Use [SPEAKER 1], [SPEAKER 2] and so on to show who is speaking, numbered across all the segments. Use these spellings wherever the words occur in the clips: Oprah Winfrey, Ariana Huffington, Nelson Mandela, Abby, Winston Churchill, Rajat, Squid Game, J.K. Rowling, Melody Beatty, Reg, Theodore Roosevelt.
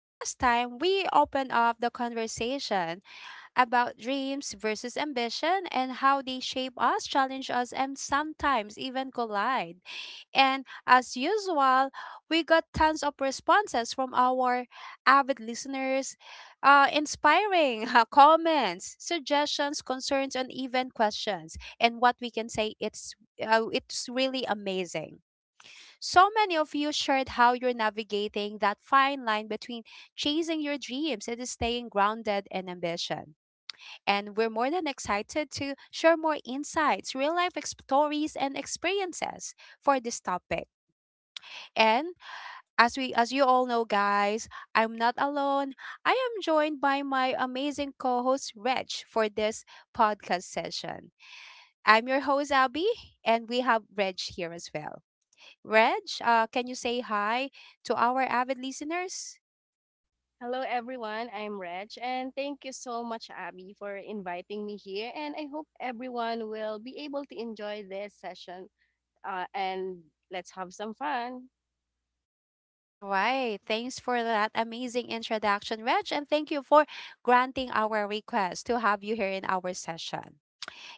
[SPEAKER 1] Last time, we opened up the conversation about dreams versus ambition and how they shape us, challenge us, and sometimes even collide. And as usual, we got tons of responses from our avid listeners, inspiring comments, suggestions, concerns, and even questions. And what we can say, it's really amazing. So many of you shared how you're navigating that fine line between chasing your dreams and staying grounded in ambition. And we're more than excited to share more insights, stories, and experiences for this topic. And as you all know, guys, I'm not alone. I am joined by my amazing co-host Reg for this podcast session. I'm your host Abby, and we have Reg here as well. Reg, can you say hi to our avid listeners?
[SPEAKER 2] Hello, everyone. I'm Reg, and thank you so much, Abby, for inviting me here. And I hope everyone will be able to enjoy this session. And let's have some fun.
[SPEAKER 1] All right. Thanks for that amazing introduction, Reg. And thank you for granting our request to have you here in our session.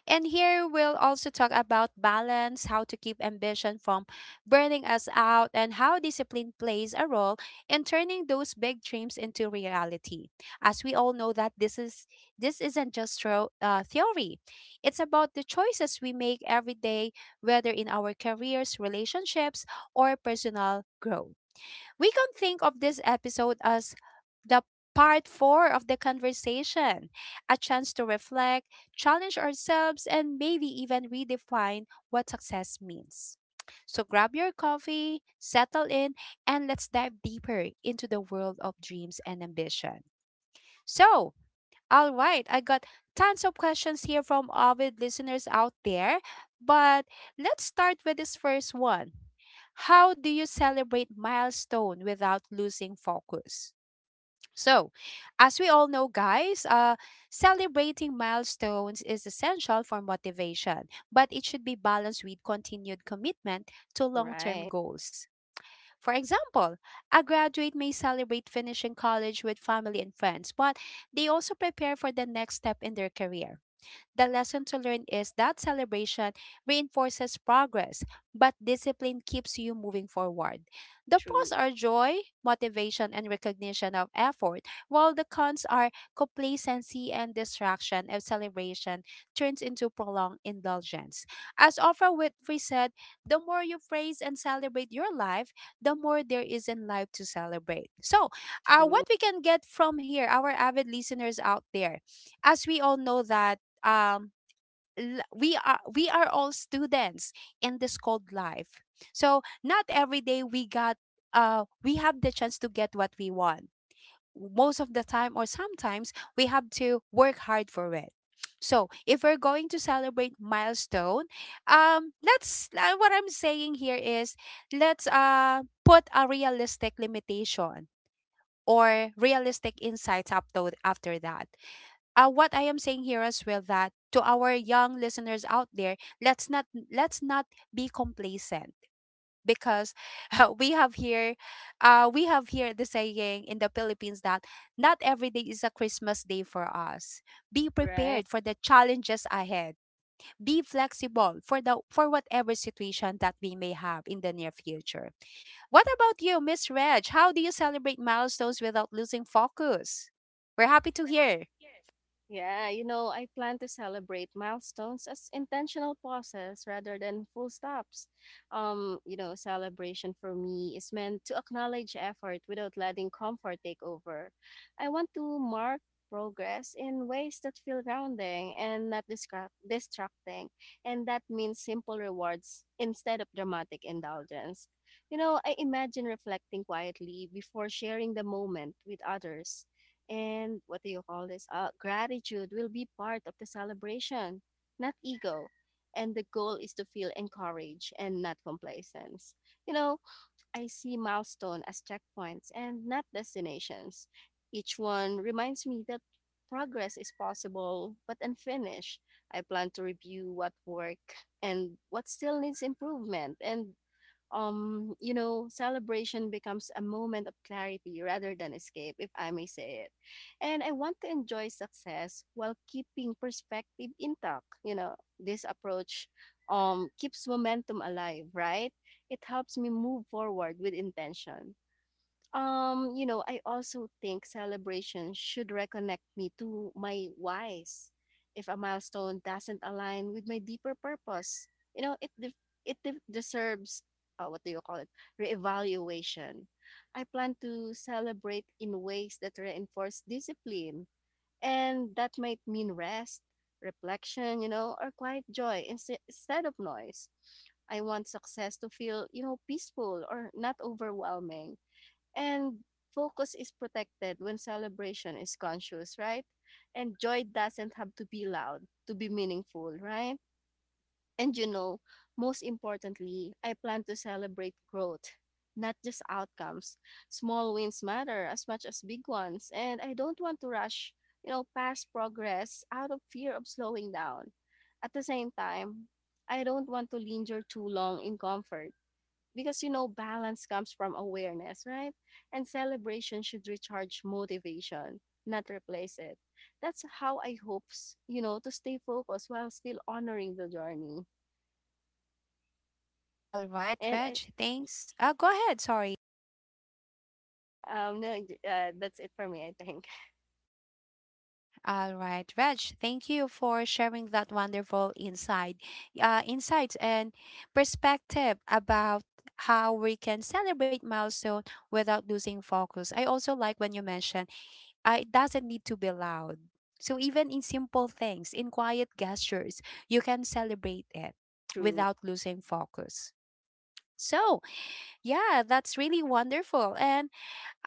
[SPEAKER 1] And here we'll also talk about balance, how to keep ambition from burning us out, and how discipline plays a role in turning those big dreams into reality. As we all know that this isn't just theory. It's about the choices we make every day, whether in our careers, relationships, or personal growth. We can think of this episode as the part 4 of the conversation, a chance to reflect, challenge ourselves, and maybe even redefine what success means. So grab your coffee, settle in, and let's dive deeper into the world of dreams and ambition. So, all right, I got tons of questions here from avid listeners out there, but let's start with this first one. How do you celebrate milestone without losing focus? So, as we all know, guys, celebrating milestones is essential for motivation, but it should be balanced with continued commitment to long term
[SPEAKER 2] Right.
[SPEAKER 1] goals. For example, a graduate may celebrate finishing college with family and friends, but they also prepare for the next step in their career. The lesson to learn is that celebration reinforces progress, but discipline keeps you moving forward. The pros
[SPEAKER 2] True.
[SPEAKER 1] are joy, motivation, and recognition of effort, while the cons are complacency and distraction if celebration turns into prolonged indulgence. As Oprah Winfrey said, the more you praise and celebrate your life, the more there is in life to celebrate. So,
[SPEAKER 2] True.
[SPEAKER 1] what we can get from here, our avid listeners out there, as we all know that um we are all students in this called life, so not every day we have the chance to get what we want most of the time, or sometimes we have to work hard for it. So if we're going to celebrate milestone, let's what I'm saying here is, let's put a realistic limitation or realistic insights up to, after that, what I am saying here as well, that to our young listeners out there, let's not let's not be complacent because uh, we have here, we have here the saying in the Philippines that not every day is a Christmas day for us. Be
[SPEAKER 2] Right.
[SPEAKER 1] prepared for the challenges ahead. Be flexible for the for whatever situation that we may have in the near future. What about you, Miss Reg? How do you celebrate milestones without losing focus? We're happy to hear.
[SPEAKER 2] Yeah, you know, I plan to celebrate milestones as intentional pauses rather than full stops. Celebration for me is meant to acknowledge effort without letting comfort take over. I want to mark progress in ways that feel grounding and not distracting, and that means simple rewards instead of dramatic indulgence. You know, I imagine reflecting quietly before sharing the moment with others and what do you call this? Gratitude will be part of the celebration, not ego. And the goal is to feel encouraged and not complacence. You know, I see milestone as checkpoints and not destinations. Each one reminds me that progress is possible but unfinished. I plan to review what worked and what still needs improvement, and celebration becomes a moment of clarity rather than escape, if I may say it. And I want to enjoy success while keeping perspective intact. You know, this approach keeps momentum alive, right? It helps me move forward with intention. I also think celebration should reconnect me to my whys. If a milestone doesn't align with my deeper purpose, you know, it deserves what do you call it? Reevaluation. I plan to celebrate in ways that reinforce discipline, and that might mean rest, reflection, you know, or quiet joy instead of noise. I want success to feel, you know, peaceful or not overwhelming, and focus is protected when celebration is conscious, right? And joy doesn't have to be loud to be meaningful, right? And you know, most importantly, I plan to celebrate growth, not just outcomes. Small wins matter as much as big ones, and I don't want to rush, you know, past progress out of fear of slowing down. At the same time, I don't want to linger too long in comfort, because you know, balance comes from awareness, right? And celebration should recharge motivation, not replace it. That's how I hope you know, to stay focused while still honoring the journey.
[SPEAKER 1] All right,
[SPEAKER 2] And I,
[SPEAKER 1] Reg, thanks. Go ahead, sorry.
[SPEAKER 2] no, that's it for me, I think.
[SPEAKER 1] All right, Reg, thank you for sharing that wonderful insights and perspective about how we can celebrate milestone without losing focus. I also like when you mentioned, it doesn't need to be loud. So even in simple things, in quiet gestures, you can celebrate it
[SPEAKER 2] True.
[SPEAKER 1] without losing focus. So, yeah, that's really wonderful. And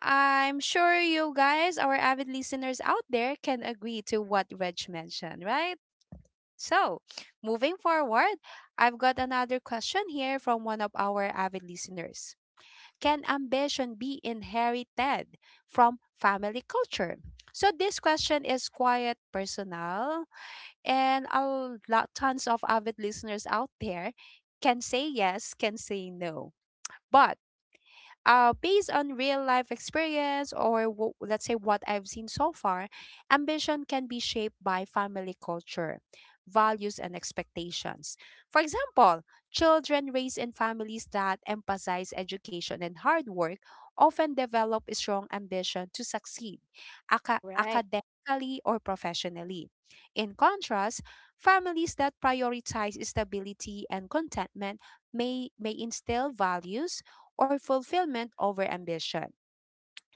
[SPEAKER 1] I'm sure you guys, our avid listeners out there, can agree to what Reg mentioned, right? So, moving forward, I've got another question here from one of our avid listeners. Can ambition be inherited from family culture? So, this question is quite personal, and tons of avid listeners out there can say yes, can say no. But based on real life experience, let's say what I've seen so far, ambition can be shaped by family culture, values, and expectations. For example, children raised in families that emphasize education and hard work often develop a strong ambition to succeed
[SPEAKER 2] Right.
[SPEAKER 1] academically or professionally. In contrast, families that prioritize stability and contentment may instill values or fulfillment over ambition.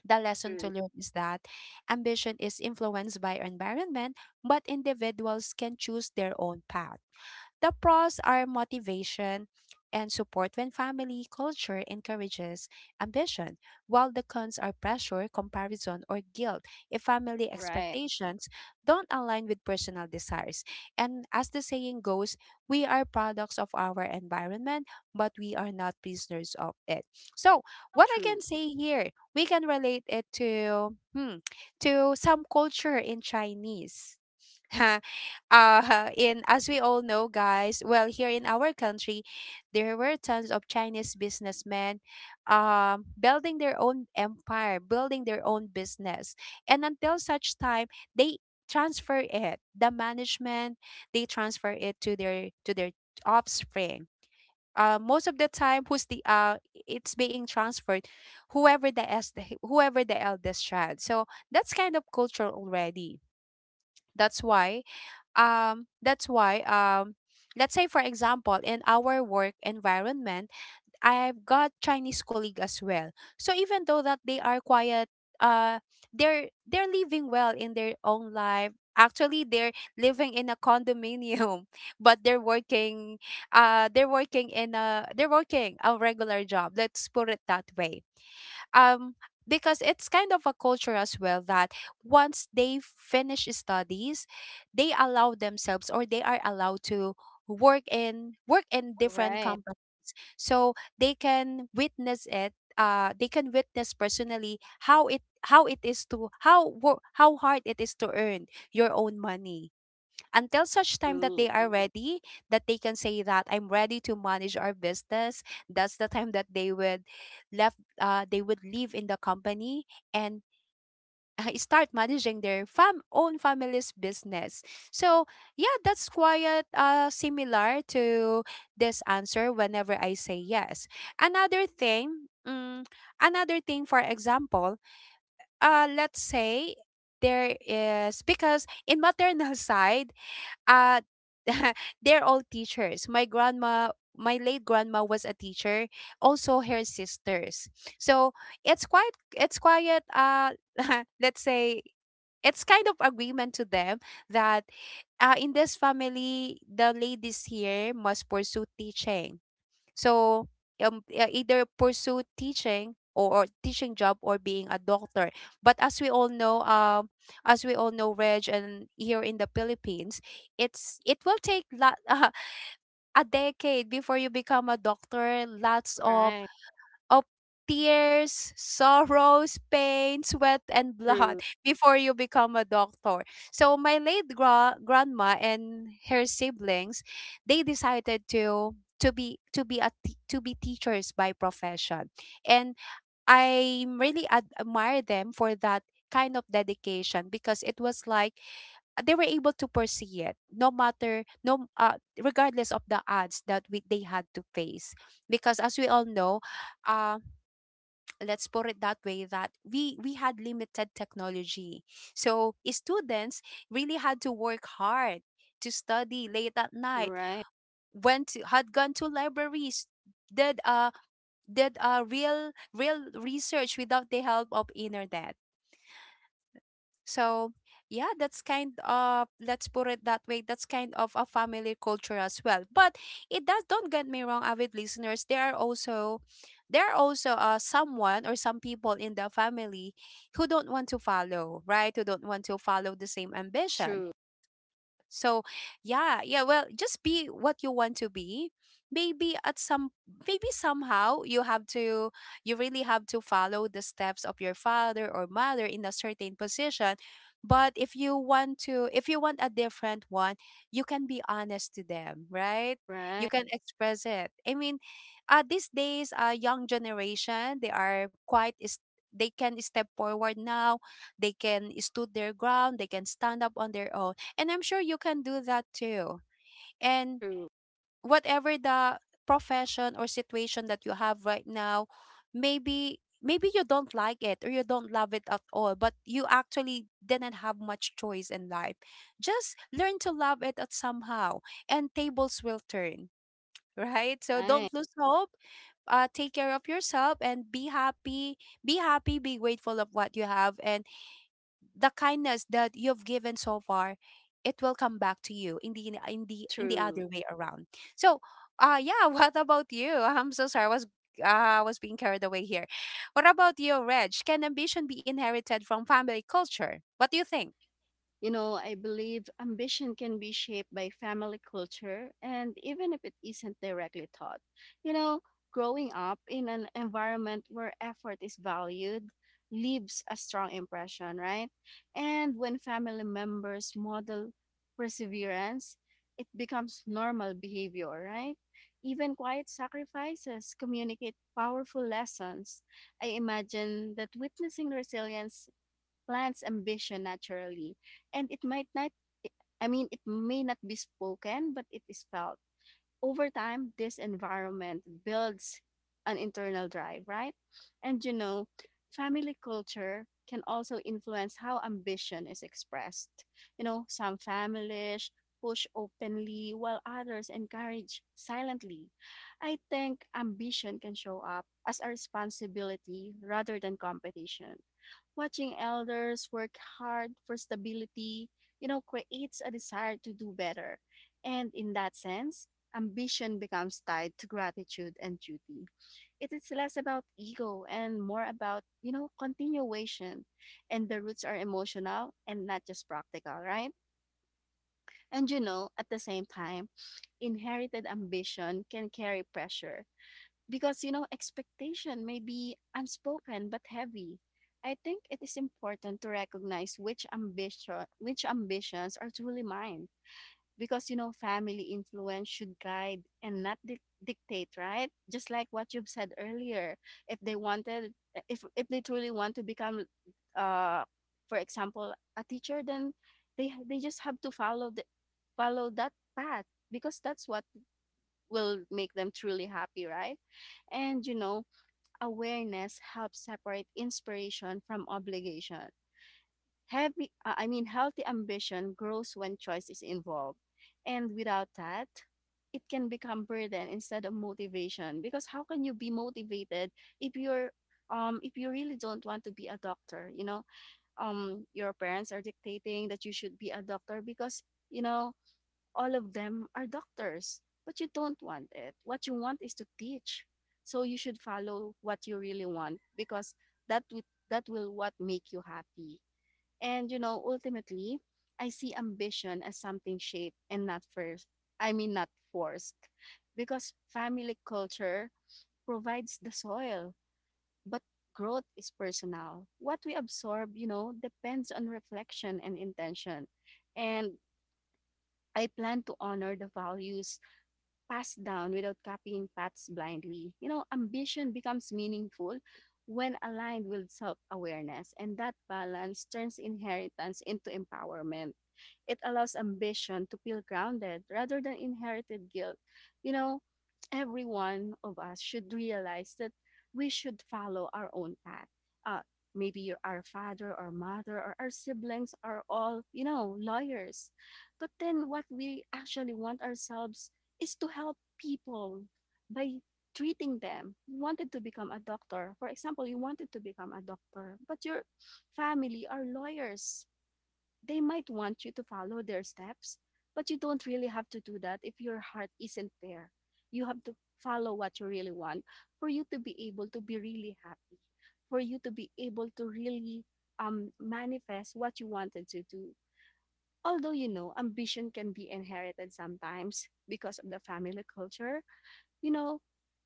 [SPEAKER 1] The lesson to
[SPEAKER 2] True.
[SPEAKER 1] learn is that ambition is influenced by environment, but individuals can choose their own path. The pros are motivation and support when family culture encourages ambition, while the cons are pressure, comparison, or guilt if family
[SPEAKER 2] Right.
[SPEAKER 1] expectations don't align with personal desires. And as the saying goes, we are products of our environment, but we are not prisoners of it. So, what I can
[SPEAKER 2] True.
[SPEAKER 1] say here, we can relate it to to some culture in Chinese. In as we all know, guys, well, here in our country, there were tons of Chinese businessmen building their own empire, building their own business, and until such time, they transfer it the management they transfer it to their offspring. Most of the time, who's the it's being transferred whoever the es- whoever the eldest child. So that's kind of cultural already. that's why that's why, let's say for example, in our work environment, I've got Chinese colleague as well. So even though that they are quiet, uh they're living well in their own life. Actually, they're living in a condominium, but they're working a regular job, let's put it that way. um because it's kind of a culture as well that once they finish studies, they allow themselves, or they are allowed to, work in different
[SPEAKER 2] Right.
[SPEAKER 1] companies, so they can witness it. They can witness personally how it how it is to, how hard it is to earn your own money, until such time that they
[SPEAKER 2] True.
[SPEAKER 1] are ready, that they can say that I'm ready to manage our business. That's the time that they would left they would leave in the company and start managing their fam own family's business. So yeah, that's quite similar to this answer whenever I say yes. Another thing, another thing, for example, let's say there is, because in maternal side uh they're all teachers. My grandma, my late grandma was a teacher, also her sisters. So it's quiet let's say, it's kind of agreement to them that, in this family the ladies here must pursue teaching. So yeah, either pursue teaching, or teaching job, or being a doctor. But as we all know, as we all know, Reg, and here in the Philippines, it will take lot, a decade before you become a doctor. Lots of
[SPEAKER 2] Right.
[SPEAKER 1] of tears, sorrows, pain, sweat, and blood
[SPEAKER 2] True.
[SPEAKER 1] before you become a doctor. So my late grandma and her siblings, they decided to be teachers by profession, and I really admire them for that kind of dedication, because it was like, they were able to pursue it, no matter no regardless of the odds that they had to face. Because as we all know, um, let's put it that way, that we had limited technology, so students really had to work hard, to study late at night,
[SPEAKER 2] Right.
[SPEAKER 1] had gone to libraries, did uh did real research without the help of internet. So, yeah, that's kind of, let's put it that way. That's kind of a family culture as well. But it does. Don't get me wrong, avid listeners. There are also, someone or some people in the family who don't want to follow, right? Who don't want to follow the same ambition.
[SPEAKER 2] True.
[SPEAKER 1] So, yeah, yeah, well, just be what you want to be. Maybe at some maybe somehow you have to, you really have to follow the steps of your father or mother in a certain position. But if you want a different one, you can be honest to them, right? You
[SPEAKER 2] Right.
[SPEAKER 1] can express it. I mean, these days, young generation, they are quite is they can step forward now. They can stood their ground. They can stand up on their own, and I'm sure you can do that too. And
[SPEAKER 2] True.
[SPEAKER 1] whatever the profession or situation that you have right now, maybe you don't like it, or you don't love it at all, but you actually didn't have much choice in life. Just learn to love it at somehow, and tables will turn, right? So
[SPEAKER 2] Right.
[SPEAKER 1] don't lose hope. Take care of yourself and be happy. Be happy, be grateful of what you have and the kindness that you've given so far, it will come back to you in the
[SPEAKER 2] True.
[SPEAKER 1] other way around. So yeah, what about you? I'm so sorry, I was I was being carried away here. What about you, Reg? Can ambition be inherited from family culture? What do you think?
[SPEAKER 2] You know, I believe ambition can be shaped by family culture, and even if it isn't directly taught, you know, growing up in an environment where effort is valued leaves a strong impression, right? And when family members model perseverance, it becomes normal behavior, right? Even quiet sacrifices communicate powerful lessons. I imagine that witnessing resilience plants ambition naturally. And it might not, I mean, it may not be spoken, but it is felt. Over time, this environment builds an internal drive, right? And you know, family culture can also influence how ambition is expressed. You know, some families push openly while others encourage silently. I think ambition can show up as a responsibility rather than competition. Watching elders work hard for stability, you know, creates a desire to do better. And in that sense, ambition becomes tied to gratitude and duty. It is less about ego and more about, you know, continuation. And the roots are emotional and not just practical, right? And you know, at the same time, inherited ambition can carry pressure because, you know, expectation may be unspoken but heavy. I think it is important to recognize which ambitions are truly mine, because you know, family influence should guide and not dictate, right? Just like what you've said earlier, if they wanted, if they truly want to become uh for example a teacher, then they just have to follow the follow that path, because that's what will make them truly happy, right? And you know, awareness helps separate inspiration from obligation. I mean, healthy ambition grows when choice is involved. And without that, it can become burden instead of motivation. Because how can you be motivated if you're if you really don't want to be a doctor, you know, your parents are dictating that you should be a doctor because, you know, all of them are doctors, but you don't want it. What you want is to teach. So you should follow what you really want, because that would that will what make you happy. And you know, ultimately, I see ambition as something shaped and not first. I mean, not forced, because family culture provides the soil, but growth is personal. What we absorb, you know, depends on reflection and intention. And I plan to honor the values passed down without copying paths blindly. You know, ambition becomes meaningful when aligned with self awareness, and that balance turns inheritance into empowerment. It allows ambition to feel grounded rather than inherited guilt. You know, every one of us should realize that we should follow our own path. Uh, Maybe our father or mother or our siblings are all, you know, lawyers. But then what we actually want ourselves is to help people by treating them. You wanted to become a doctor. For example, you wanted to become a doctor, but your family are lawyers. They might want you to follow their steps, but you don't really have to do that if your heart isn't there. You have to follow what you really want for you to be able to be really happy, for you to be able to really manifest what you wanted to do. Although you know, ambition can be inherited sometimes because of the family culture, you know,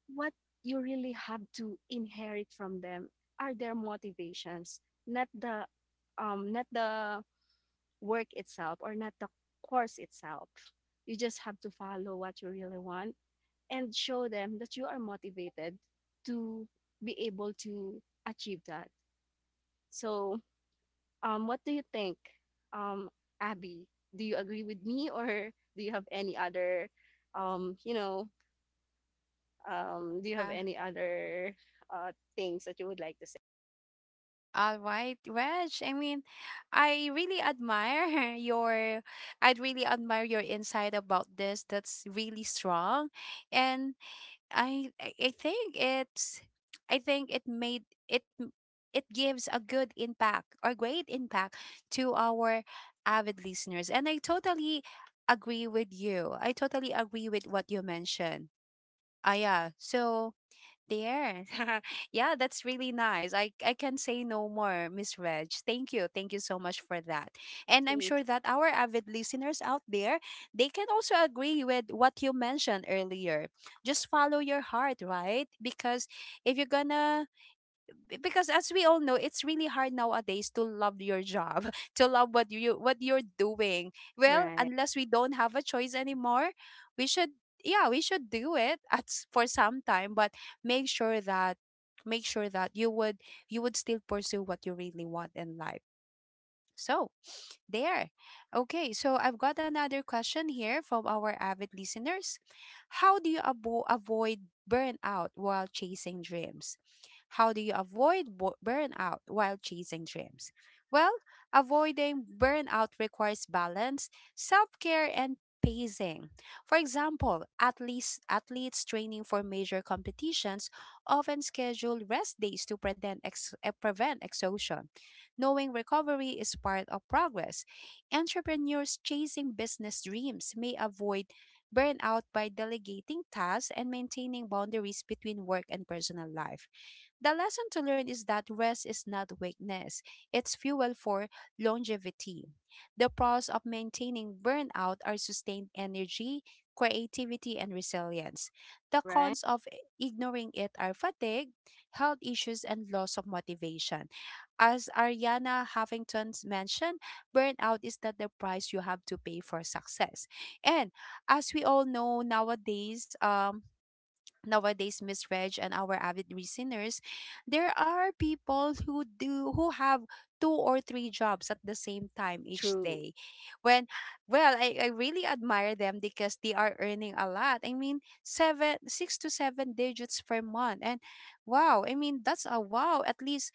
[SPEAKER 2] what you really have to inherit from them are their motivations, not the um not the work itself, or not the course itself. You just have to follow what you really want and show them that you are motivated to be able to achieve that. So what do you think, um Abby? Do you agree with me, or do you have any other, um you know do you have
[SPEAKER 1] Uh-huh.
[SPEAKER 2] any other things that you would like to say?
[SPEAKER 1] All right, Reg. I mean, I really admire your. I'd really admire your insight about this. That's really strong. And I think it's I think it made it m- it gives a good impact or great impact to our avid listeners. And I totally agree with you. I totally agree with what you mentioned. Ah, yeah. So there. Yeah, that's really nice. I can say no more, Miss Reg. Thank you. Thank you so much for that. And I'm sure
[SPEAKER 2] Thank.
[SPEAKER 1] that our avid listeners out there, they can also agree with what you mentioned earlier. Just follow your heart, right? Because if you're gonna because as we all know, it's really hard nowadays to love your job to love what you're doing. Well,
[SPEAKER 2] Right.
[SPEAKER 1] unless we don't have a choice anymore, we should yeah, we should do it for some time, but make sure that make sure that you would still pursue what you really want in life. So there. Okay, so I've got another question here from our avid listeners. How do you avo- avoid burnout while chasing dreams? How do you avoid burnout while chasing dreams? Well, avoiding burnout requires balance, self-care and pacing. For example, athletes training for major competitions often schedule rest days to prevent prevent exhaustion, knowing recovery is part of progress. Entrepreneurs chasing business dreams may avoid burnout by delegating tasks and maintaining boundaries between work and personal life. The lesson to learn is that rest is not weakness, it's fuel for longevity. The pros of maintaining burnout are sustained energy, creativity, and resilience. The
[SPEAKER 2] Right.
[SPEAKER 1] cons of ignoring it are fatigue, health issues, and loss of motivation. As Ariana Huffington mentioned, burnout is not the price you have to pay for success. And as we all know nowadays, nowadays, Miss Reg and our avid listeners, there are people who do who have two or three jobs at the same time each
[SPEAKER 2] True.
[SPEAKER 1] day. When Well, I really admire them because they are earning a lot. I mean, seven six to seven digits per month. And wow, I mean that's a wow. At least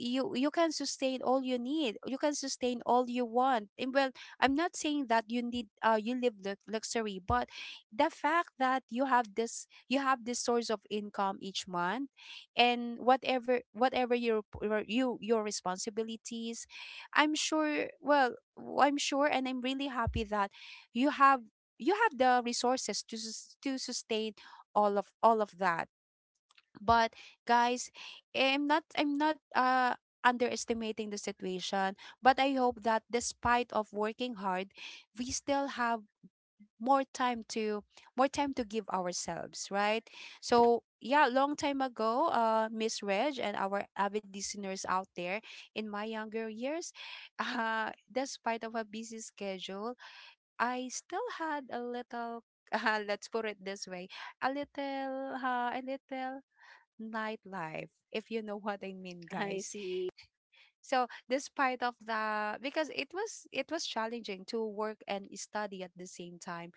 [SPEAKER 1] you can sustain all you need you can sustain all you want. And well, I'm not saying that you need, you live luxury, but the fact that you have this source of income each month, and whatever your responsibilities, I'm sure, I'm sure, and I'm really happy that you have you have the resources to to sustain all of that. But guys, I'm not underestimating the situation, but I hope that despite of working hard, we still have more time to more time to give ourselves, right? So yeah, long time ago, Miss Reg and our avid listeners out there, in my younger years, despite of a busy schedule, I still had a little let's put it this way, a little nightlife, if you know what I mean,
[SPEAKER 2] I
[SPEAKER 1] guys.
[SPEAKER 2] see.
[SPEAKER 1] So despite of the because it was challenging to work and study at the same time,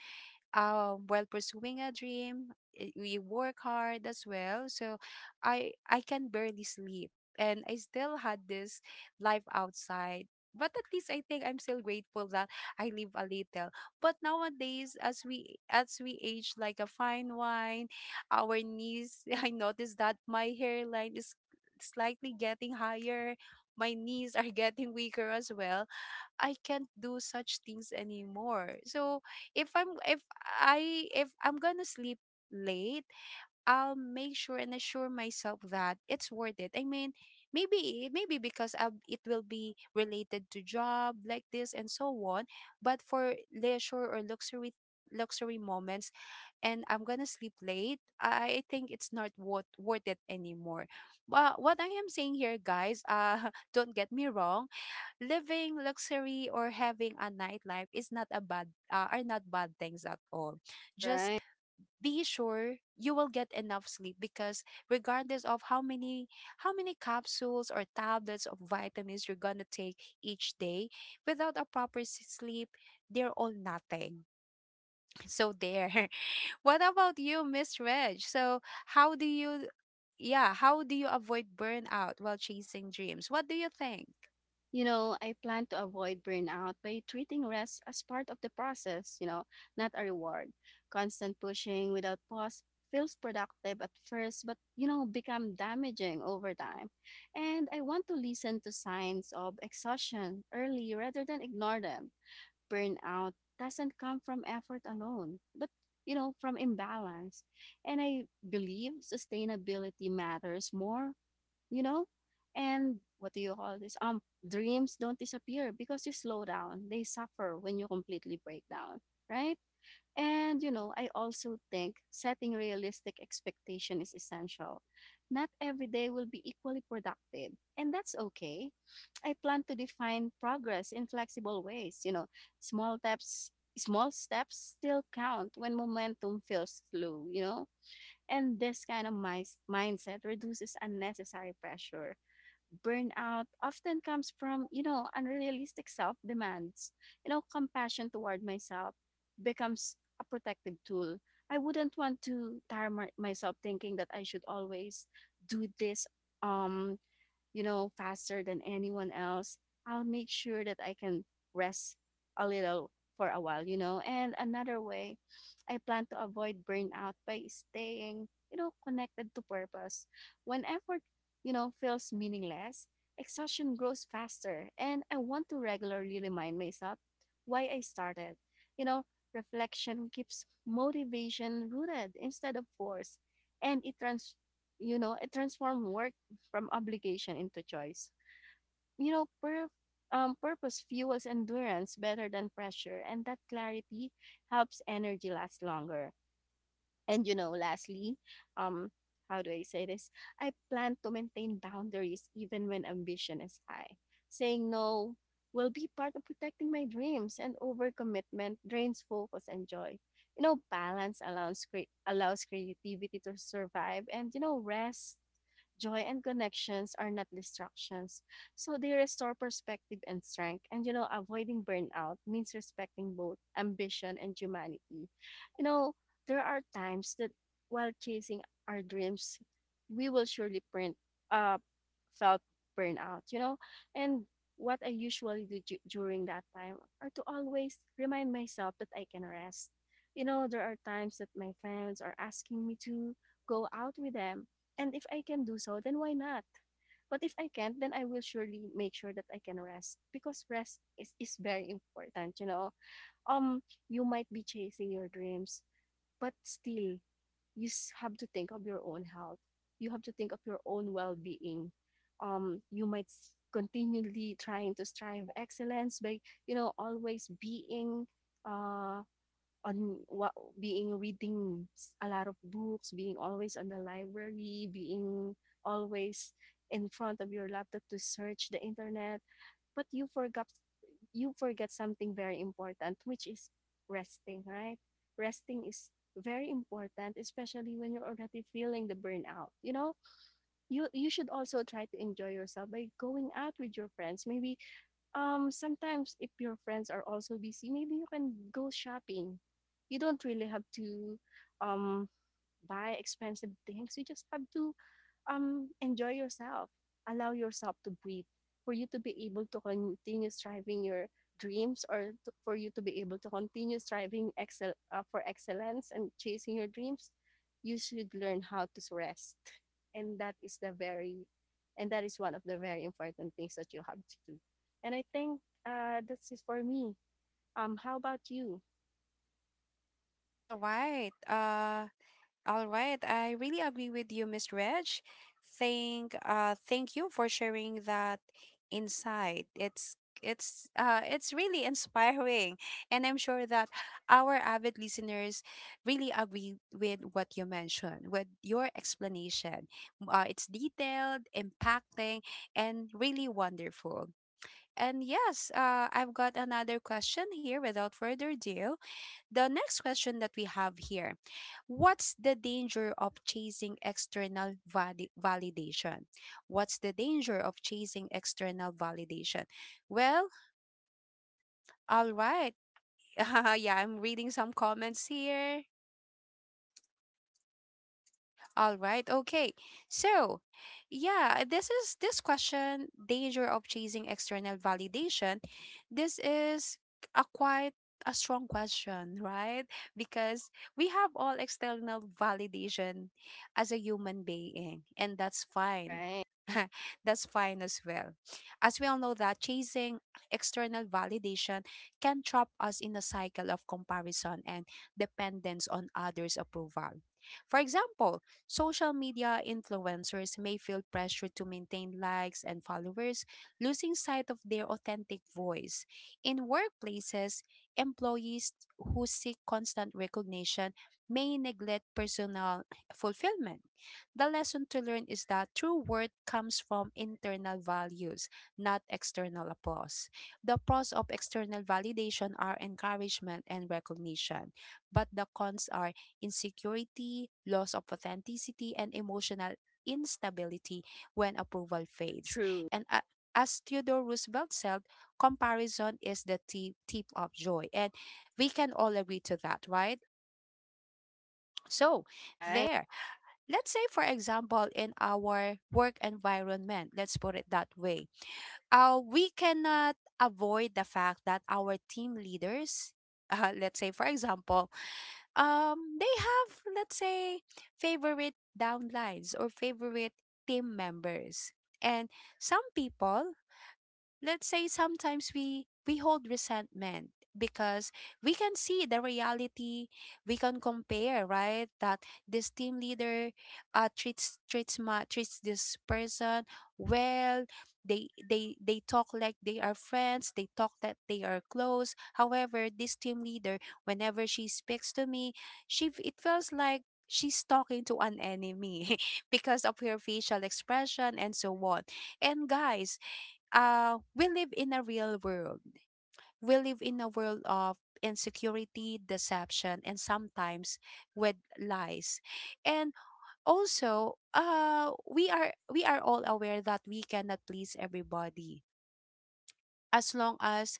[SPEAKER 1] while pursuing a dream, we work hard as well, so I can barely sleep and I still had this life outside. But at least I think I'm still grateful that I live a little. But nowadays, as we age like a fine wine, our knees, I noticed that my hairline is slightly getting higher, my knees are getting weaker as well. I can't do such things anymore. So if I'm if I, if I'm gonna sleep late, I'll make sure and assure myself that it's worth it. I mean, maybe because I it will be related to job like this and so on, but for leisure or luxury moments, and I'm gonna sleep late, I think it's not worth it anymore. But what I am saying here, guys, don't get me wrong, living luxury or having a nightlife is not a bad are not bad things at all. Just
[SPEAKER 2] Right.
[SPEAKER 1] be sure you will get enough sleep, because regardless of how many capsules or tablets of vitamins you're gonna take each day, without a proper sleep, they're all nothing. So there. What about you, Miss Reg? So how do you yeah, how do you avoid burnout while chasing dreams? What do you think?
[SPEAKER 2] You know, I plan to avoid burnout by treating rest as part of the process, you know, not a reward. Constant pushing without pause feels productive at first, but, you know, become damaging over time. And I want to listen to signs of exhaustion early rather than ignore them. Burnout doesn't come from effort alone, but you know, from imbalance. And I believe sustainability matters more, you know? And what do you call this? Dreams don't disappear because you slow down. They suffer when you completely break down, right? And you know, I also think setting realistic expectation is essential. Not every day will be equally productive, and that's okay. I plan to define progress in flexible ways. You know, small steps, small steps still count when momentum feels slow, you know? And this kind of mindset reduces unnecessary pressure. Burnout often comes from, you know, unrealistic self demands. You know, compassion toward myself becomes a protective tool. I wouldn't want to tire myself thinking that I should always do this, um you know, faster than anyone else. I'll make sure that I can rest a little for a while, you know. And another way, I plan to avoid burnout by staying, you know, connected to purpose. When effort, you know, feels meaningless, exhaustion grows faster. And I want to regularly remind myself why I started. You know, reflection keeps motivation rooted instead of force. And it trans you know, it transforms work from obligation into choice. You know, purpose fuels endurance better than pressure, and that clarity helps energy last longer. And you know, lastly, um, how do I say this? I plan to maintain boundaries even when ambition is high. Saying no will be part of protecting my dreams, and overcommitment drains focus and joy. You know, balance allows allows creativity to survive, and you know, rest, joy and connections are not distractions. So they restore perspective and strength. And you know, avoiding burnout means respecting both ambition and humanity. You know, there are times that while chasing our dreams, we will surely print uh felt burnout, you know? And what I usually do during that time are to always remind myself that I can rest. You know, there are times that my friends are asking me to go out with them, and if I can do so, then why not? But if I can't, then I will surely make sure that I can rest, because is very important, you know. Um, you might be chasing your dreams, but still, you have to think of your own health. You have to think of your own well-being. You might continually trying to strive excellence by, you know, always being uh on what being reading a lot of books, being always on the library, being always in front of your laptop to search the internet, but you forgot You forget something very important, which is resting, right? Resting is very important, especially when you're already feeling the burnout. You know, you should also try to enjoy yourself by going out with your friends. Maybe Sometimes if your friends are also busy, maybe you can go shopping. You don't really have to um buy expensive things. You just have to enjoy yourself. Allow yourself to breathe for you to be able to continue striving your dreams for you to be able to continue striving excel for excellence and chasing your dreams, you should learn how to rest. And that is the very and that is one of the very important things that you have to do. And I think, this is for me. How about you?
[SPEAKER 1] All right. All right, I really agree with you, Miss Reg. Thank you for sharing that insight. It's it's really inspiring, and I'm sure that our avid listeners really agree with what you mentioned, with your explanation. It's detailed, impacting, and really wonderful. And yes, I've got another question here. Without further ado, the next question that we have here. What's the danger of chasing external validation? What's the danger of chasing external validation? Well, all right. Yeah, I'm reading some comments here. All right. Okay. So yeah, this is this question, danger of chasing external validation. This is a quite a strong question, right? Because we have all external validation as a human being, and that's fine.
[SPEAKER 2] Right.
[SPEAKER 1] That's fine as well. As we all know that chasing external validation can trap us in a cycle of comparison and dependence on others' approval. For example, social media influencers may feel pressure to maintain likes and followers, losing sight of their authentic voice. In workplaces, employees who seek constant recognition may neglect personal fulfillment. The lesson to learn is that true worth comes from internal values, not external applause. The pros of external validation are encouragement and recognition, but the cons are insecurity, loss of authenticity, and emotional instability when approval fades.
[SPEAKER 2] True.
[SPEAKER 1] And a As Theodore Roosevelt said, comparison is the tip of joy. And we can all agree to that, right? So,
[SPEAKER 2] Right.
[SPEAKER 1] there. Let's say, for example, in our work environment, let's put it that way, we cannot avoid the fact that our team leaders, let's say, for example, they have, let's say, favorite downlines or favorite team members, and some people, let's say, sometimes we hold resentment because we can see the reality. We can compare, right, that this team leader uh, treats this person well. They talk like they are friends, they talk that they are close, however this team leader, whenever she speaks to me, it feels like she's talking to an enemy because of her facial expression and so on. And guys, we live in a real world. We live in a world of insecurity, deception, and sometimes with lies. And also, we are all aware that we cannot please everybody. As long as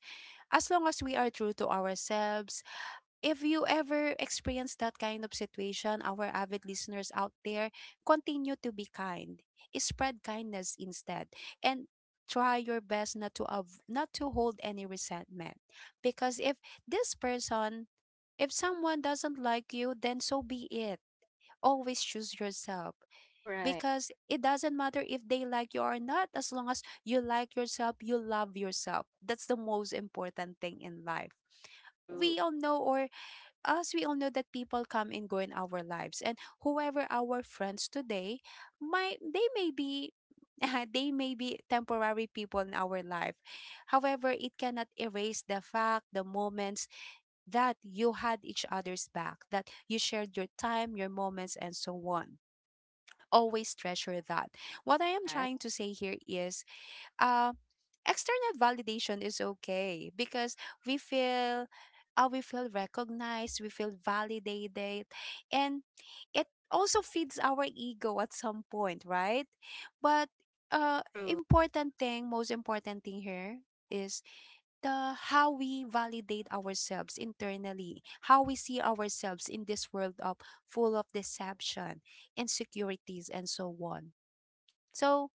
[SPEAKER 1] as long as we are true to ourselves, if you ever experience that kind of situation, our avid listeners out there, continue to be kind. Spread kindness instead, and try your best not to hold any resentment. Because if this person if someone doesn't like you, then so be it. Always choose yourself,
[SPEAKER 2] Right.
[SPEAKER 1] because it doesn't matter if they like you or not, as long as you like yourself, you love yourself. That's the most important thing in life.
[SPEAKER 2] True.
[SPEAKER 1] We all know or As we all know that people come and go in our lives, and whoever our friends today, might they may be they may be temporary people in our life. However, it cannot erase the fact, the moments that you had each other's back, that you shared your time, your moments and so on. Always treasure that. What I am
[SPEAKER 2] Right.
[SPEAKER 1] trying to say here is uh, external validation is okay because we feel, we feel recognized, we feel validated, and it also feeds our ego at some point, right? But
[SPEAKER 2] True.
[SPEAKER 1] most important thing here is the how we validate ourselves internally, how we see ourselves in this world of full of deception, insecurities, and so on. So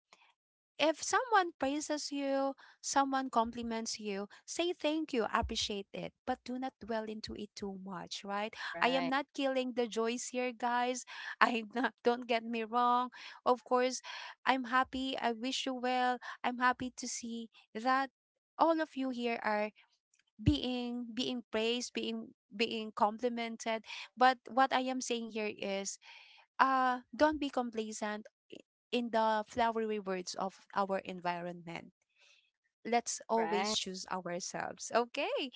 [SPEAKER 1] if someone praises you, someone compliments you, say thank you, appreciate it, but do not dwell into it too much, right? I am
[SPEAKER 2] Right.
[SPEAKER 1] not killing the joys here, guys. I'm not, don't get me wrong. Of course, I'm happy. I wish you well. I'm happy to see that all of you here are being praised, being complimented. But what I am saying here is don't be complacent in the flowery words of our environment. Let's always
[SPEAKER 2] Right.
[SPEAKER 1] choose ourselves. Okay.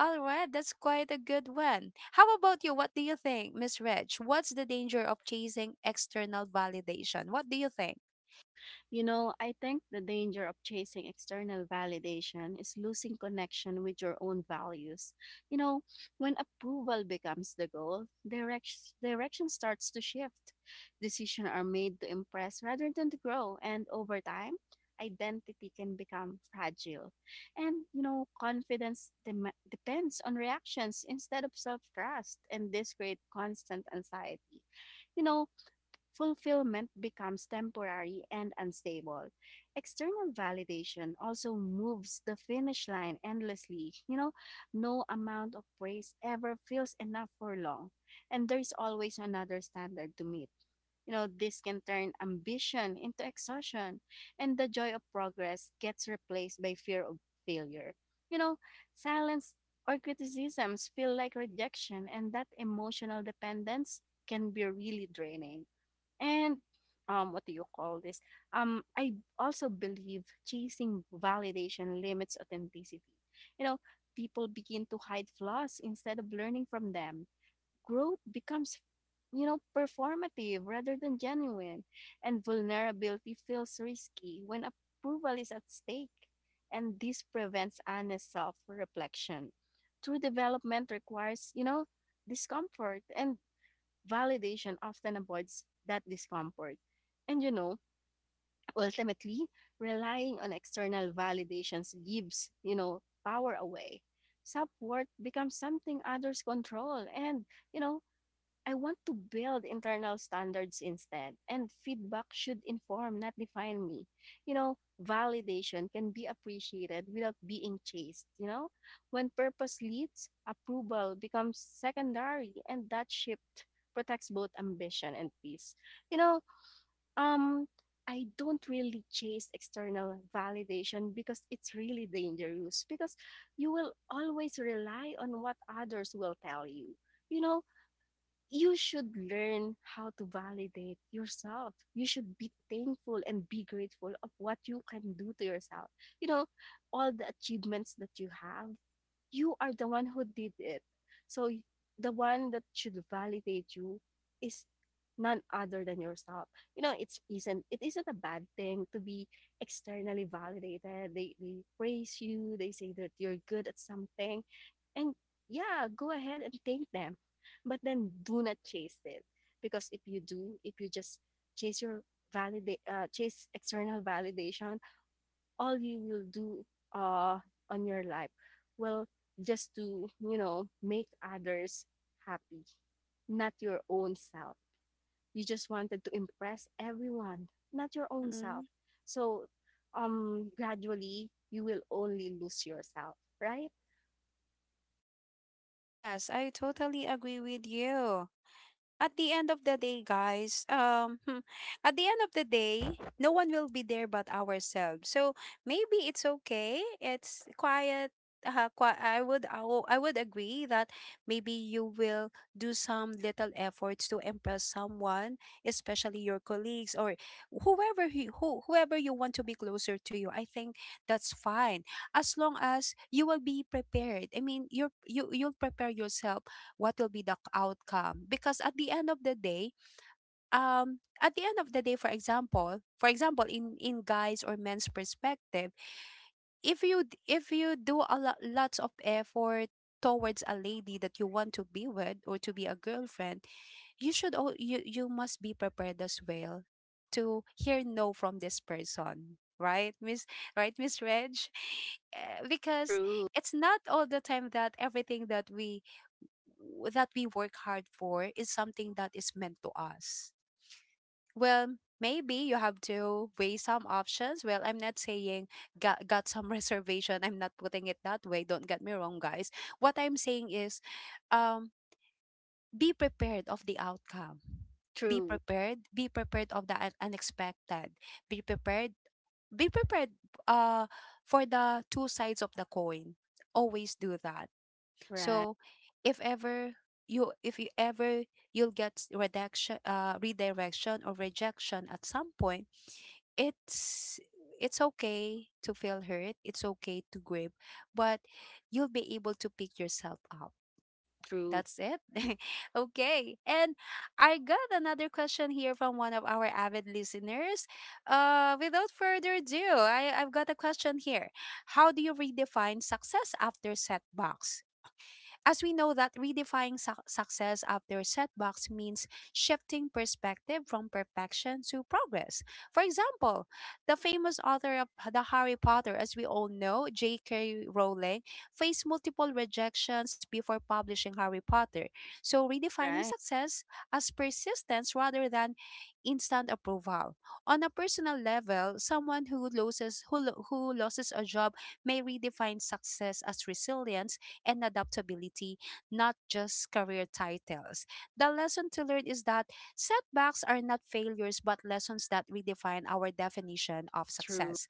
[SPEAKER 1] All right. That's quite a good one. How about you? What do you think, Miss Reg? What's the danger of chasing external validation? What do you think?
[SPEAKER 2] You know, I think the danger of chasing external validation is losing connection with your own values. You know, when approval becomes the goal, direction starts to shift. Decisions are made to impress rather than to grow, and over time, identity can become fragile. And, you know, confidence depends on reactions instead of self trust, and this creates constant anxiety. You know, fulfillment becomes temporary and unstable. External validation also moves the finish line endlessly. You know, no amount of praise ever feels enough for long, and there's always another standard to meet. You know, this can turn ambition into exhaustion, and the joy of progress gets replaced by fear of failure. You know, silence or criticisms feel like rejection, and that emotional dependence can be really draining. And what do you call this? I also believe chasing validation limits authenticity. You know, people begin to hide flaws instead of learning from them. Growth becomes, you know, performative rather than genuine, and vulnerability feels risky when approval is at stake. And this prevents honest self reflection. True development requires, you know, discomfort and validation often avoids that discomfort. And you know, ultimately, relying on external validations gives, you know, power away. Self worth becomes something others control and, you know, I want to build internal standards instead, and feedback should inform, not define me. You know, validation can be appreciated without being chased. You know, when purpose leads, approval becomes secondary, and that shift protects both ambition and peace. You know, um, I don't really chase external validation because it's really dangerous, because you will always rely on what others will tell you. You know, you should learn how to validate yourself. You should be thankful and be grateful of what you can do to yourself. You know, all the achievements that you have, you are the one who did it. So the one that should validate you is none other than yourself. You know, it's isn't it isn't a bad thing to be externally validated. They praise you, they say that you're good at something. And yeah, go ahead and thank them. But then do not chase it. Because if you do, if you just chase your validate chase external validation, all you will do, uh, on your life, well, just to, you know, make others happy, not your own self. You just wanted to impress everyone, not your own self.
[SPEAKER 1] Mm-mm.
[SPEAKER 2] So, gradually you will only lose yourself, right?
[SPEAKER 1] Yes, I totally agree with you. At the end of the day, guys, at the end of the day, no one will be there but ourselves. So maybe it's okay. It's quiet. I would agree that maybe you will do some little efforts to impress someone, especially your colleagues or whoever you want to be closer to you. I think that's fine as long as you will be prepared. I mean, you'll prepare yourself what will be the outcome, because at the end of the day, at the end of the day, for example, in guys or men's perspective, if you do a lots of effort towards a lady that you want to be with or to be a girlfriend, you should all you must be prepared as well to hear no from this person, right, miss right, Miss Reg? Eh, because
[SPEAKER 2] True.
[SPEAKER 1] it's not all the time that everything that we w- that we work hard for is something that is meant to us. Well, maybe you have to weigh some options. Well, I'm not saying got some reservation. I'm not putting it that way. Don't get me wrong, guys. What I'm saying is um, be prepared of the outcome. Be
[SPEAKER 2] True.
[SPEAKER 1] prepared. Be prepared of the unexpected. Be prepared. Be prepared uh, for the two sides of the coin. Always do that.
[SPEAKER 2] Right.
[SPEAKER 1] So if ever you if you ever you'll get s- redaction redirection or rejection at some point, it's it's okay to feel hurt, it's okay to grieve, but you'll be able to pick yourself up.
[SPEAKER 2] True.
[SPEAKER 1] That's it. Okay. And I got another question here from one of our avid listeners. Without further ado, I've got a question here. How do you redefine success after setbacks? As we know, that redefining success after setbacks means shifting perspective from perfection to progress. For example, the famous author of the Harry Potter, as we all know, J.K. Rowling, faced multiple rejections before publishing Harry Potter. So, redefining
[SPEAKER 2] Right.
[SPEAKER 1] success as persistence rather than instant approval. On a personal level, someone who loses a job may redefine success as resilience and adaptability, not just career titles. The lesson to learn is that setbacks are not failures, but lessons that redefine our definition of
[SPEAKER 2] True.
[SPEAKER 1] success.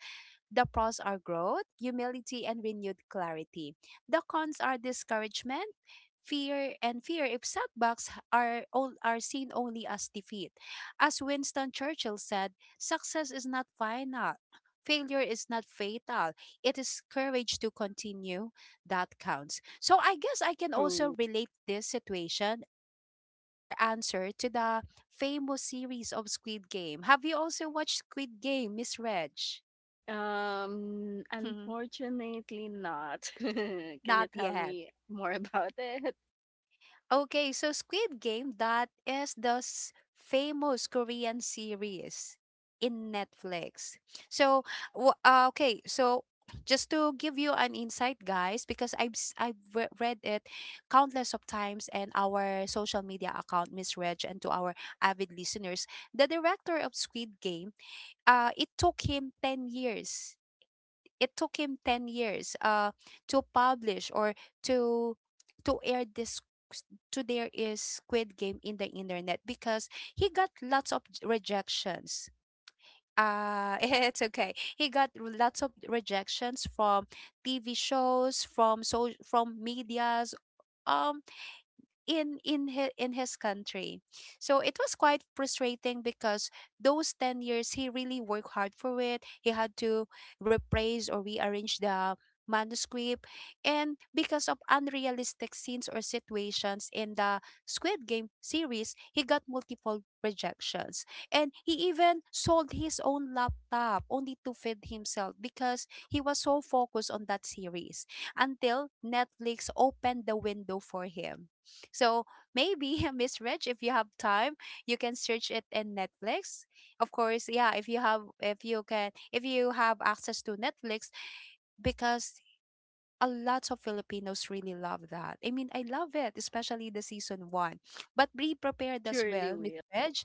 [SPEAKER 1] The pros are growth, humility, and renewed clarity. The cons are discouragement, fear, and fear if setbacks are, all, are seen only as defeat. As Winston Churchill said, success is not final. Failure is not fatal. It is courage to continue, that counts. So I guess I can also
[SPEAKER 2] True.
[SPEAKER 1] relate this situation or answer to the famous series of Squid Game. Have you also watched Squid Game, Miss Reg? Not
[SPEAKER 2] Unfortunately not. Can you tell
[SPEAKER 1] yet.
[SPEAKER 2] me more about it?
[SPEAKER 1] Okay, so Squid Game, that is the famous Korean series in Netflix. So, okay, so just to give you an insight, guys, because I've s- I've re- read it countless of times and our social media account, Miss Reg, and to our avid listeners, the director of Squid Game, it took him 10 years, it took him 10 years to publish or to to air this, to there is Squid Game in the internet, because he got lots of rejections. It's okay. He got lots of rejections from TV shows, from medias, um, in his country. So it was quite frustrating because those 10 years he really worked hard for it. He had to rephrase or rearrange the manuscript, and because of unrealistic scenes or situations in the Squid Game series, he got multiple rejections. And he even sold his own laptop only to feed himself because he was so focused on that series, until Netflix opened the window for him. So, maybe Miss Rich, if you have time, you can search it in Netflix. Of course, yeah, if you have access to Netflix, because a lot of Filipinos really love that. I mean, I love it, especially the season 1. But be prepared as
[SPEAKER 2] Surely
[SPEAKER 1] well, Miss
[SPEAKER 2] will.
[SPEAKER 1] Reg.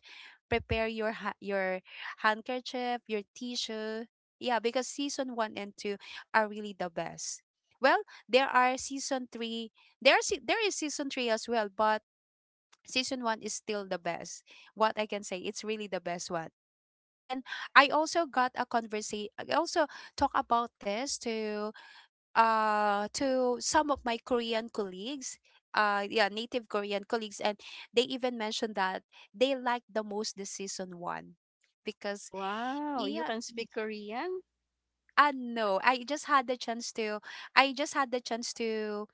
[SPEAKER 1] Prepare your your handkerchief, your tissue. Yeah, because season 1 and 2 are really the best. Well, there are season 3. There is season 3 as well, but season one is still the best. What I can say, it's really the best one. And I also got a conversation. I also talk about this to some of my Korean colleagues. Yeah, native Korean colleagues, and they even mentioned that they like the most the season one, because
[SPEAKER 2] Wow, you
[SPEAKER 1] yeah,
[SPEAKER 2] can speak Korean?
[SPEAKER 1] I know, I just had the chance to, I just had the chance to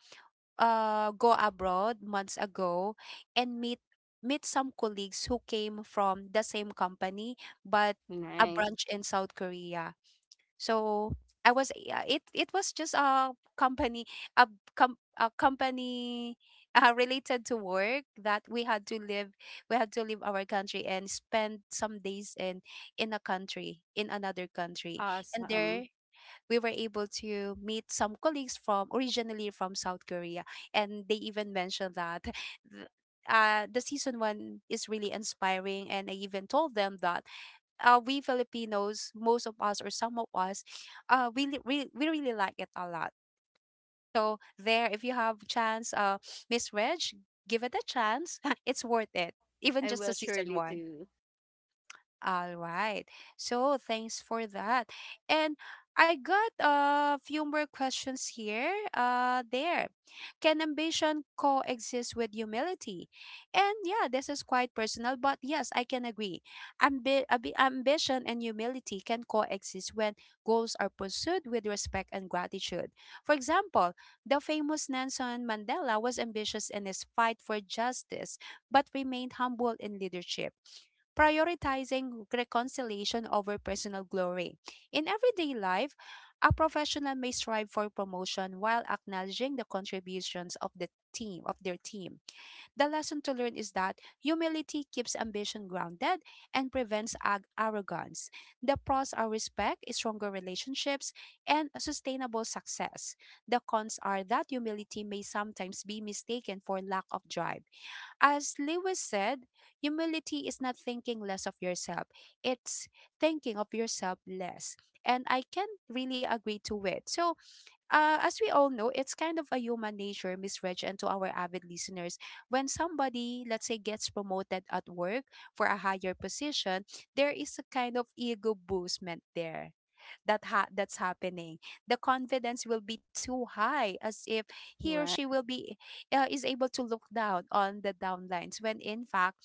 [SPEAKER 1] go abroad months ago and meet some colleagues who came from the same company but a
[SPEAKER 2] Nice.
[SPEAKER 1] branch in South Korea. So I was, yeah, it was just a company, a a company related to work, that we had to live, we had to leave our country and spend some days in a country in another country, and
[SPEAKER 2] Awesome.
[SPEAKER 1] there we were able to meet some colleagues from, originally from South Korea, and they even mentioned that the season one is really inspiring. And I even told them that we Filipinos, most of us or some of us, we really like it a lot. So there, if you have chance, Miss Reg, give it a chance. It's worth it, even
[SPEAKER 2] I
[SPEAKER 1] just a
[SPEAKER 2] will
[SPEAKER 1] season
[SPEAKER 2] surely
[SPEAKER 1] one.
[SPEAKER 2] do.
[SPEAKER 1] All right. So, thanks for that. And I got a few more questions here. There. Can ambition coexist with humility? And yeah, this is quite personal, but yes, I can agree. Ambition and humility can coexist when goals are pursued with respect and gratitude. For example, the famous Nelson Mandela was ambitious in his fight for justice, but remained humble in leadership, prioritizing reconciliation over personal glory. In everyday life, a professional may strive for promotion while acknowledging the contributions of the team, of their team. The lesson to learn is that humility keeps ambition grounded and prevents arrogance. The pros are respect, stronger relationships, and sustainable success. The cons are that humility may sometimes be mistaken for lack of drive. As Lewis said, humility is not thinking less of yourself. It's thinking of yourself less. And I can really agree to it. So, as we all know, it's kind of a human nature, Miss Reg, and to our avid listeners. When somebody, let's say, gets promoted at work for a higher position, there is a kind of ego boostment there that's happening, the confidence will be too high, as if he or she
[SPEAKER 2] Right.
[SPEAKER 1] will be is able to look down on the downlines, when in fact,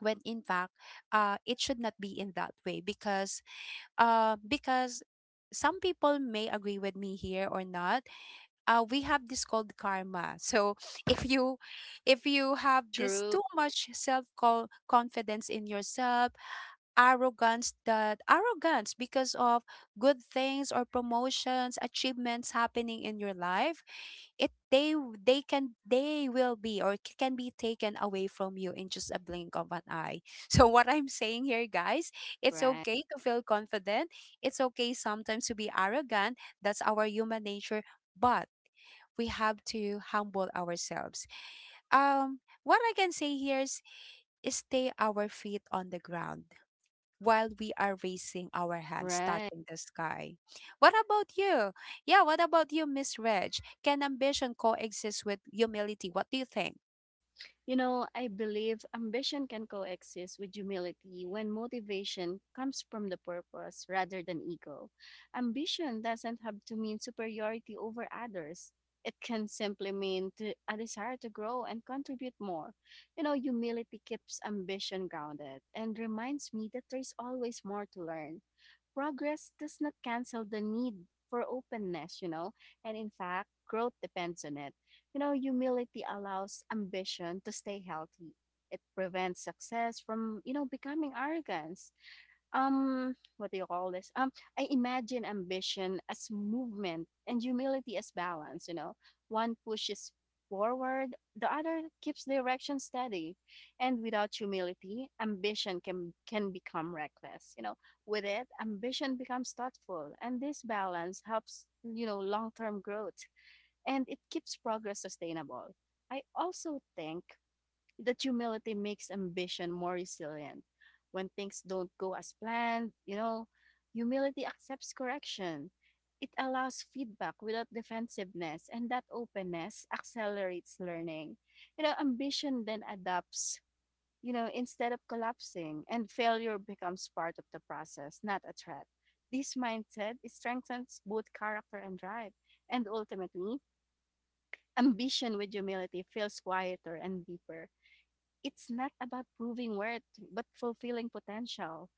[SPEAKER 1] when in fact it should not be in that way. Because because some people may agree with me here or not, we have this called karma, so if you, if you have this
[SPEAKER 2] True.
[SPEAKER 1] too much self confidence in yourself, arrogance, that arrogance, because of good things or promotions, achievements happening in your life, it they can they will be, or can be taken away from you in just a blink of an eye. So what I'm saying here, guys, it's
[SPEAKER 2] Right.
[SPEAKER 1] okay to feel confident, it's okay sometimes to be arrogant, that's our human nature, but we have to humble ourselves. What I can say here is, stay our feet on the ground while we are raising our hands
[SPEAKER 2] Right.
[SPEAKER 1] touching the sky. What about you? Yeah, what about you, Miss Reg? Can ambition coexist with humility? What do you think?
[SPEAKER 2] You know, I believe ambition can coexist with humility when motivation comes from the purpose rather than ego. Ambition doesn't have to mean superiority over others. It can simply mean a desire to grow and contribute more. You know, humility keeps ambition grounded and reminds me that there's always more to learn. Progress does not cancel the need for openness, you know, and in fact, growth depends on it. You know, humility allows ambition to stay healthy. It prevents success from, you know, becoming arrogance. What do you call this? I imagine ambition as movement and humility as balance, you know. One pushes forward, the other keeps direction steady. And without humility, ambition can become reckless, you know. With it, ambition becomes thoughtful, and this balance helps, you know, long-term growth and it keeps progress sustainable. I also think that humility makes ambition more resilient. When things don't go as planned, you know, humility accepts correction. It allows feedback without defensiveness, and that openness accelerates learning. You know, ambition then adapts, you know, instead of collapsing, and failure becomes part of the process, not a threat. This mindset strengthens both character and drive, and ultimately, ambition with humility feels quieter and deeper. It's not about proving worth, but fulfilling potential.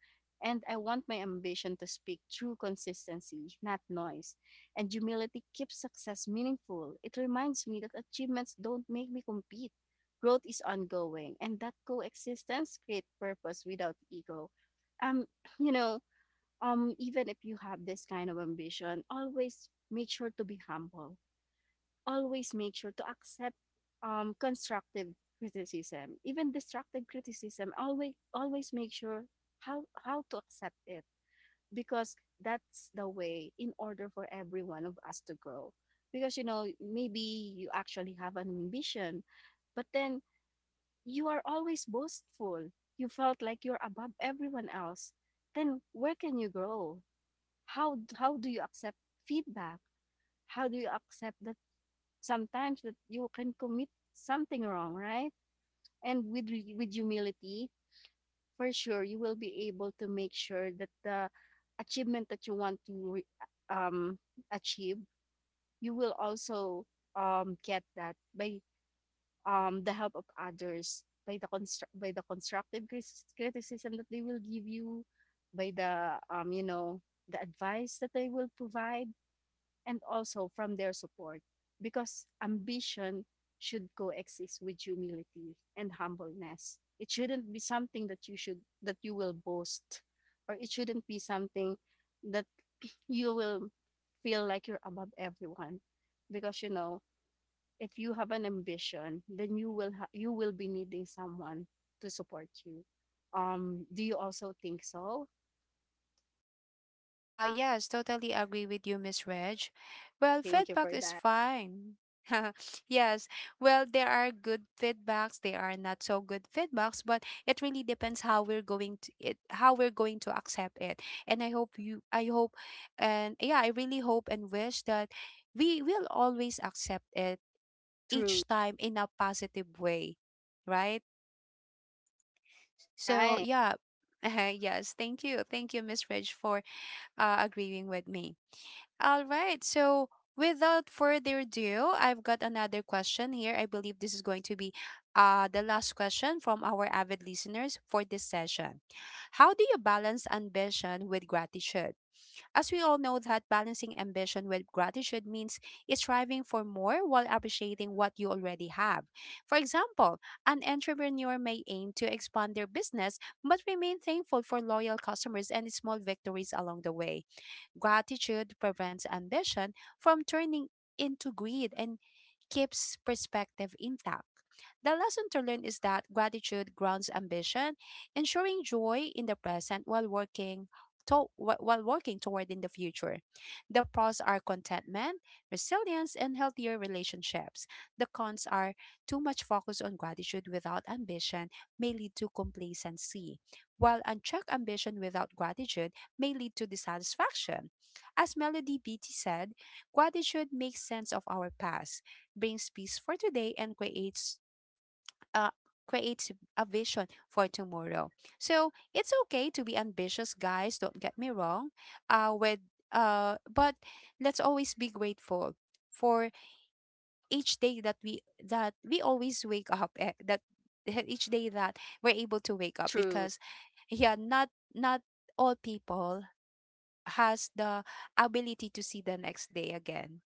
[SPEAKER 2] And I want my ambition to speak true consistency, not noise. And humility keeps success meaningful. It reminds me that achievements don't make me compete. Growth is ongoing, and that coexistence creates purpose without ego. Um, you know, even if you have this kind of ambition, always make sure to be humble. Always make sure to accept constructive criticism, even destructive criticism. Always, always make sure how to accept it, because that's the way in order for every one of us to grow. Because you know, maybe you actually have an ambition, but then you are always boastful. You felt like you're above everyone else. Then where can you grow? How do you accept feedback? How do you accept that sometimes that you can commit something wrong, right? And with humility, for sure, you will be able to make sure that the achievement that you want to, um, achieve, you will also get that by, the help of others, by the by the constructive criticism that they will give you, by the, you know, the advice that they will provide, and also from their support. Because ambition should coexist with humility and humbleness. It shouldn't be something that you should that you will boast, or it shouldn't be something that you will feel like you're above everyone. Because you know, if you have an ambition, then you will be needing someone to support you. Do you also think so?
[SPEAKER 1] Ah, yes, totally agree with you, Miss Reg. Well,
[SPEAKER 2] Thank you
[SPEAKER 1] feedback
[SPEAKER 2] for
[SPEAKER 1] is
[SPEAKER 2] that.
[SPEAKER 1] fine. Yes, well, there are good feedbacks, there are not so good feedbacks, but it really depends how we're going to it, how we're going to accept it. And I hope you, I hope, and yeah, I really hope and wish that we will always accept it
[SPEAKER 2] True.
[SPEAKER 1] each time in a positive way, right? So
[SPEAKER 2] Right.
[SPEAKER 1] yeah, yes, thank you, Miss Reg, for agreeing with me. All right. So, without further ado, I've got another question here. I believe this is going to be the last question from our avid listeners for this session. How do you balance ambition with gratitude? As we all know, that balancing ambition with gratitude means striving for more while appreciating what you already have. For example, an entrepreneur may aim to expand their business but remain thankful for loyal customers and small victories along the way. Gratitude prevents ambition from turning into greed and keeps perspective intact. The lesson to learn is that gratitude grounds ambition, ensuring joy in the present while working toward in the future. The pros are contentment, resilience, and healthier relationships. The cons are, too much focus on gratitude without ambition may lead to complacency, while unchecked ambition without gratitude may lead to dissatisfaction. As Melody Beatty said, gratitude makes sense of our past, brings peace for today, and creates uh, creates a vision for tomorrow. So, it's okay to be ambitious, guys. Don't get me wrong. With but let's always be grateful for each day that we always wake up, eh, that each day that we're able to wake up,
[SPEAKER 2] True.
[SPEAKER 1] because yeah, not all people has the ability to see the next day again.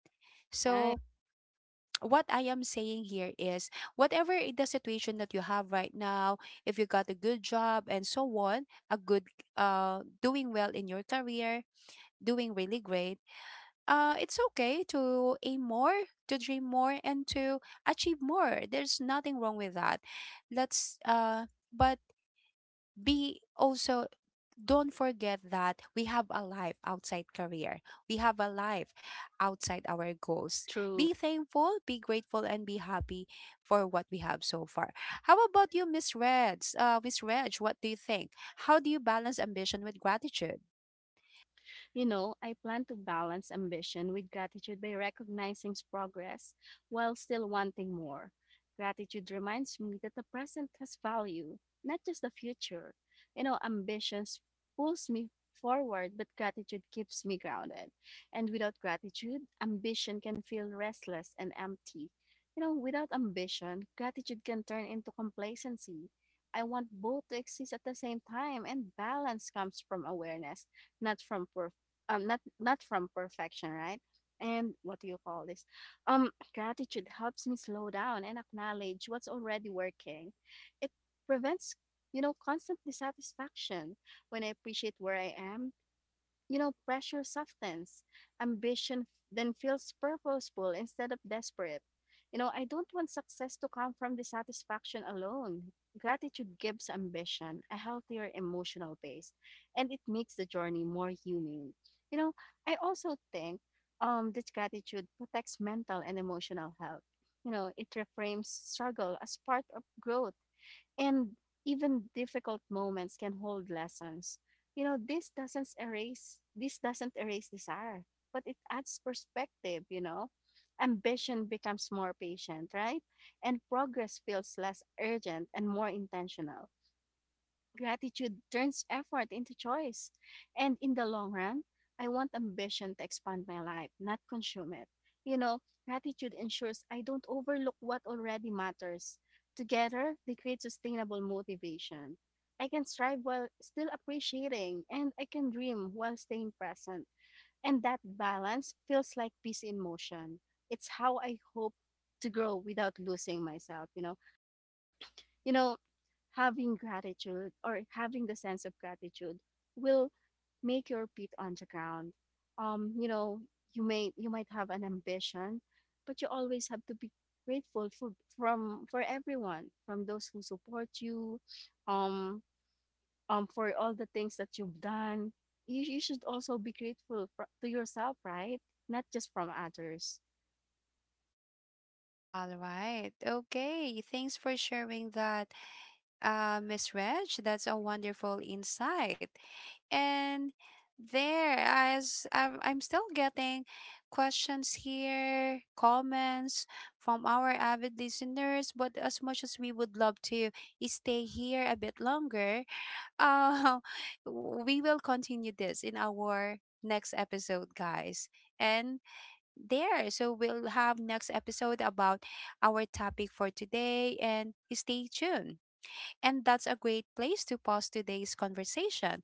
[SPEAKER 2] Right.
[SPEAKER 1] So, what I am saying here is, whatever the situation that you have right now, if you got a good job and so on, a good doing well in your career, doing really great, it's okay to aim more, to dream more, and to achieve more. There's nothing wrong with that. Let's but be also, don't forget that we have a life outside career. We have a life outside our goals.
[SPEAKER 2] True.
[SPEAKER 1] Be thankful, be grateful, and be happy for what we have so far. How about you, Miss Reds? Miss Reg, what do you think? How do you balance ambition with gratitude?
[SPEAKER 2] You know, I plan to balance ambition with gratitude by recognizing progress while still wanting more. Gratitude reminds me that the present has value, not just the future. You know, ambitions pulls me forward, but gratitude keeps me grounded. And without gratitude, ambition can feel restless and empty. You know, without ambition, gratitude can turn into complacency. I want both to exist at the same time, and balance comes from awareness, not from, not, not from perfection, right? And what do you call this? Gratitude helps me slow down and acknowledge what's already working. It prevents, you know, constant dissatisfaction. When I appreciate where I am, you know, pressure softens. Ambition f- then feels purposeful instead of desperate. You know, I don't want success to come from dissatisfaction alone. Gratitude gives ambition a healthier emotional base, and it makes the journey more human. You know, I also think that gratitude protects mental and emotional health. You know, it reframes struggle as part of growth, and even difficult moments can hold lessons. You know, this doesn't erase desire, but it adds perspective, you know. Ambition becomes more patient, right? And progress feels less urgent and more intentional. Gratitude turns effort into choice. And in the long run, I want ambition to expand my life, not consume it. You know, gratitude ensures I don't overlook what already matters. Together, they create sustainable motivation. I can strive while still appreciating, and I can dream while staying present. And that balance feels like peace in motion. It's how I hope to grow without losing myself, you know. You know, having gratitude or having the sense of gratitude will make your feet on the ground. You know, you may you might have an ambition, but you always have to be grateful for from for everyone, from those who support you, um, for all the things that you've done. You should also be grateful for, to yourself, right? Not just from others.
[SPEAKER 1] All right. Okay. Thanks for sharing that, Miss Reg. That's a wonderful insight. And there, as I'm still getting questions here, comments from our avid listeners, but as much as we would love to stay here a bit longer, uh, we will continue this in our next episode, guys. And there, so we'll have next episode about our topic for today, and stay tuned. And that's a great place to pause today's conversation.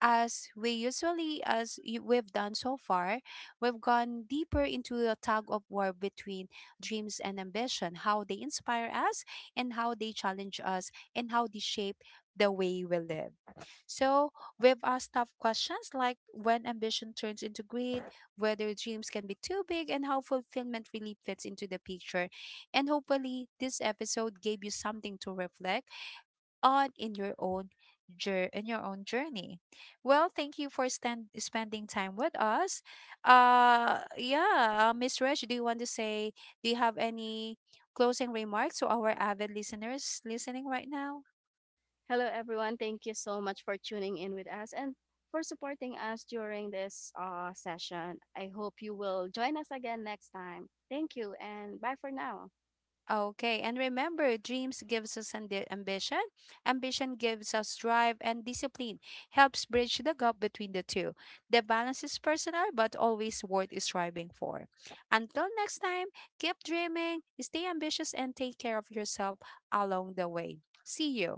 [SPEAKER 1] As we usually, we've done so far, we've gone deeper into a tug of war between dreams and ambition, how they inspire us, and how they challenge us, and how they shape the way we live. So, we've asked tough questions, like when ambition turns into greed, whether dreams can be too big, and how fulfillment really fits into the picture. And hopefully this episode gave you something to reflect on in your own in your own journey. Well, thank you for spending time with us. Yeah, Miss Reg, do you want to say, do you have any closing remarks to our avid listeners listening right now?
[SPEAKER 2] Hello, everyone. Thank you so much for tuning in with us and for supporting us during this, session. I hope you will join us again next time. Thank you, and bye for now.
[SPEAKER 1] Okay, and remember, dreams gives us ambition, ambition gives us drive, and discipline helps bridge the gap between the two. The balance is personal, but always worth striving for. Until next time, keep dreaming, stay ambitious, and take care of yourself along the way. See you.